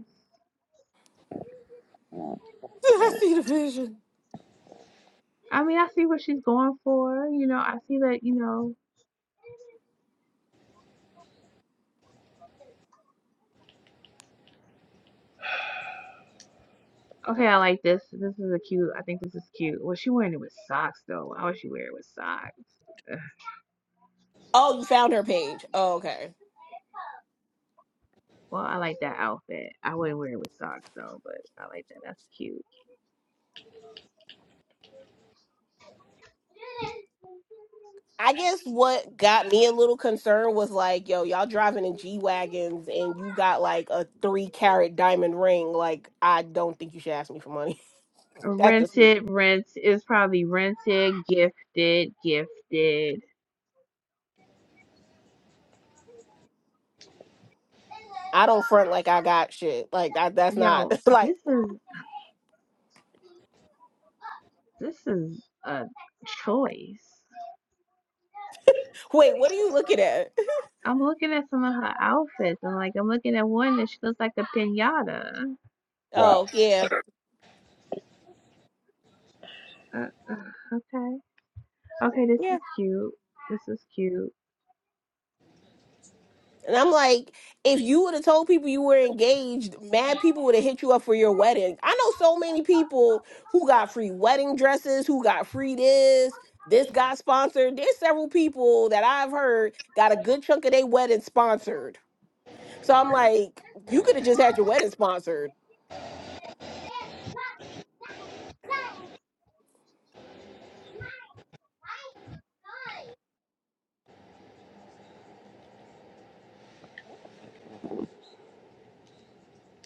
Speaker 2: Did I see the vision?
Speaker 1: I mean, I see what she's going for. You know, I see that. You know, okay, I like this. This is a cute. I think this is cute. Well, she wearing it with socks though. Why would she wear it with socks?
Speaker 2: Oh, you found her page. Oh, okay.
Speaker 1: Well, I like that outfit. I wouldn't wear it with socks though, but I like that. That's cute.
Speaker 2: I guess what got me a little concerned was like, yo, y'all driving in G Wagons and you got like a three carat diamond ring. Like, I don't think you should ask me for money. That's just me.
Speaker 1: Rented, rent is probably rented, gifted, gifted.
Speaker 2: I don't front like I got shit. Like, that, that's not,
Speaker 1: Yo,
Speaker 2: like,
Speaker 1: this is this is a choice.
Speaker 2: wait, what are you looking at?
Speaker 1: I'm on her outfits. I'm like I'm like a pinata.
Speaker 3: Wow.
Speaker 2: Oh, yeah.
Speaker 1: Okay, okay, this
Speaker 2: yeah. And I'm like, if you would have told people you were engaged, mad people would have hit you up for your wedding. I know so many people who got free wedding dresses, who got free this, this got sponsored. There's several people that I've heard got a good chunk of their wedding sponsored. So I'm like, you could have just had your wedding sponsored.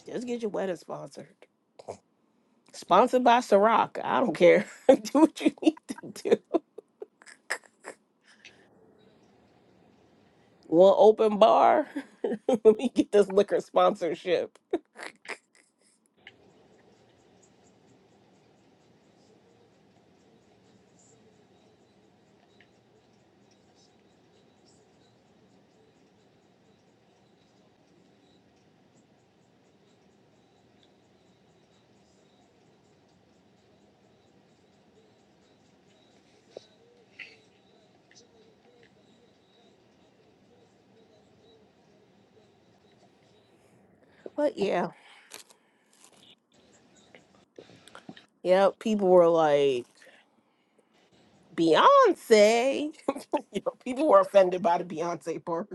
Speaker 2: Just get your wedding sponsored. Sponsored by Ciroc. I don't care. do what you need to do. One open bar. Let me get this liquor sponsorship. But yeah, yeah, people were like Beyonce. you know, people were offended by the Beyonce part.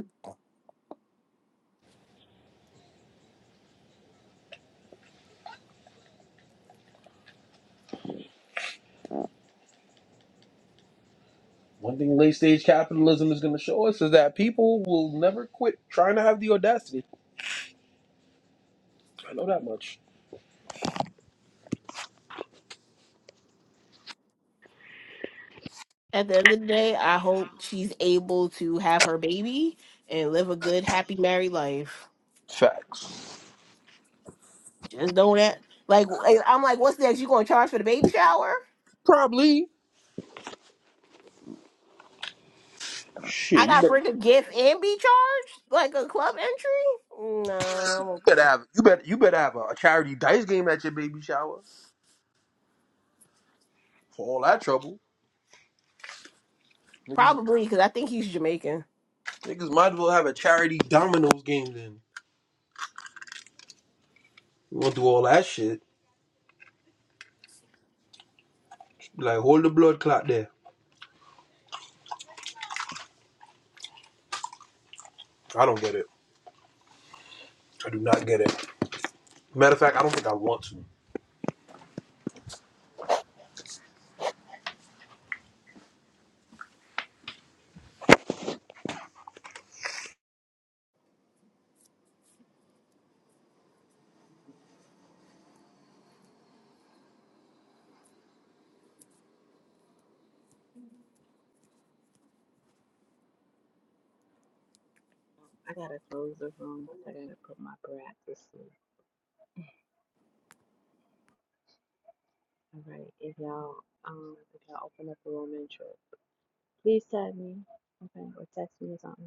Speaker 3: One thing late stage capitalism is gonna show us is that people will never quit trying to have the audacity. I know that much.
Speaker 2: At the end of the day, I hope she's able to have her baby and live a good, happy married life.
Speaker 3: Facts.
Speaker 2: Just know that. Like, w- I'm like, what's next? You gonna charge for the baby shower?
Speaker 3: Probably.
Speaker 2: I
Speaker 3: Shit, you
Speaker 2: gotta
Speaker 3: better,
Speaker 2: bring a gift and be charged like a club entry? No, I'm
Speaker 3: you better
Speaker 2: okay.
Speaker 3: have you better you better have a, a charity dice game at your baby shower for all that trouble. Niggas,
Speaker 2: Probably because I think he's Jamaican.
Speaker 3: niggas might as well have a charity dominoes game then. You won't do all that shit. Like hold the blood clot there. I don't get it. I do not get it. Matter of fact, I don't think I want to.
Speaker 1: All right. If y'all um if y'all open up a room intro, please tag me. Okay, or text me or something.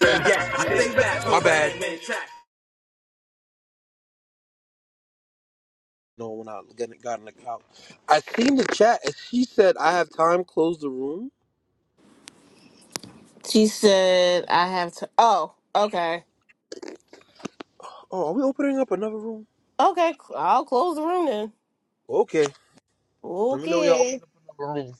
Speaker 3: My bad. No, when I got got in the couch, I seen the chat and she said I have time. Close the room.
Speaker 2: She said, I have to. Oh, okay.
Speaker 3: Oh, are we opening up another room?
Speaker 2: Okay, I'll close the room then.
Speaker 3: Okay, let me know y'all open
Speaker 2: Okay.
Speaker 3: up another room.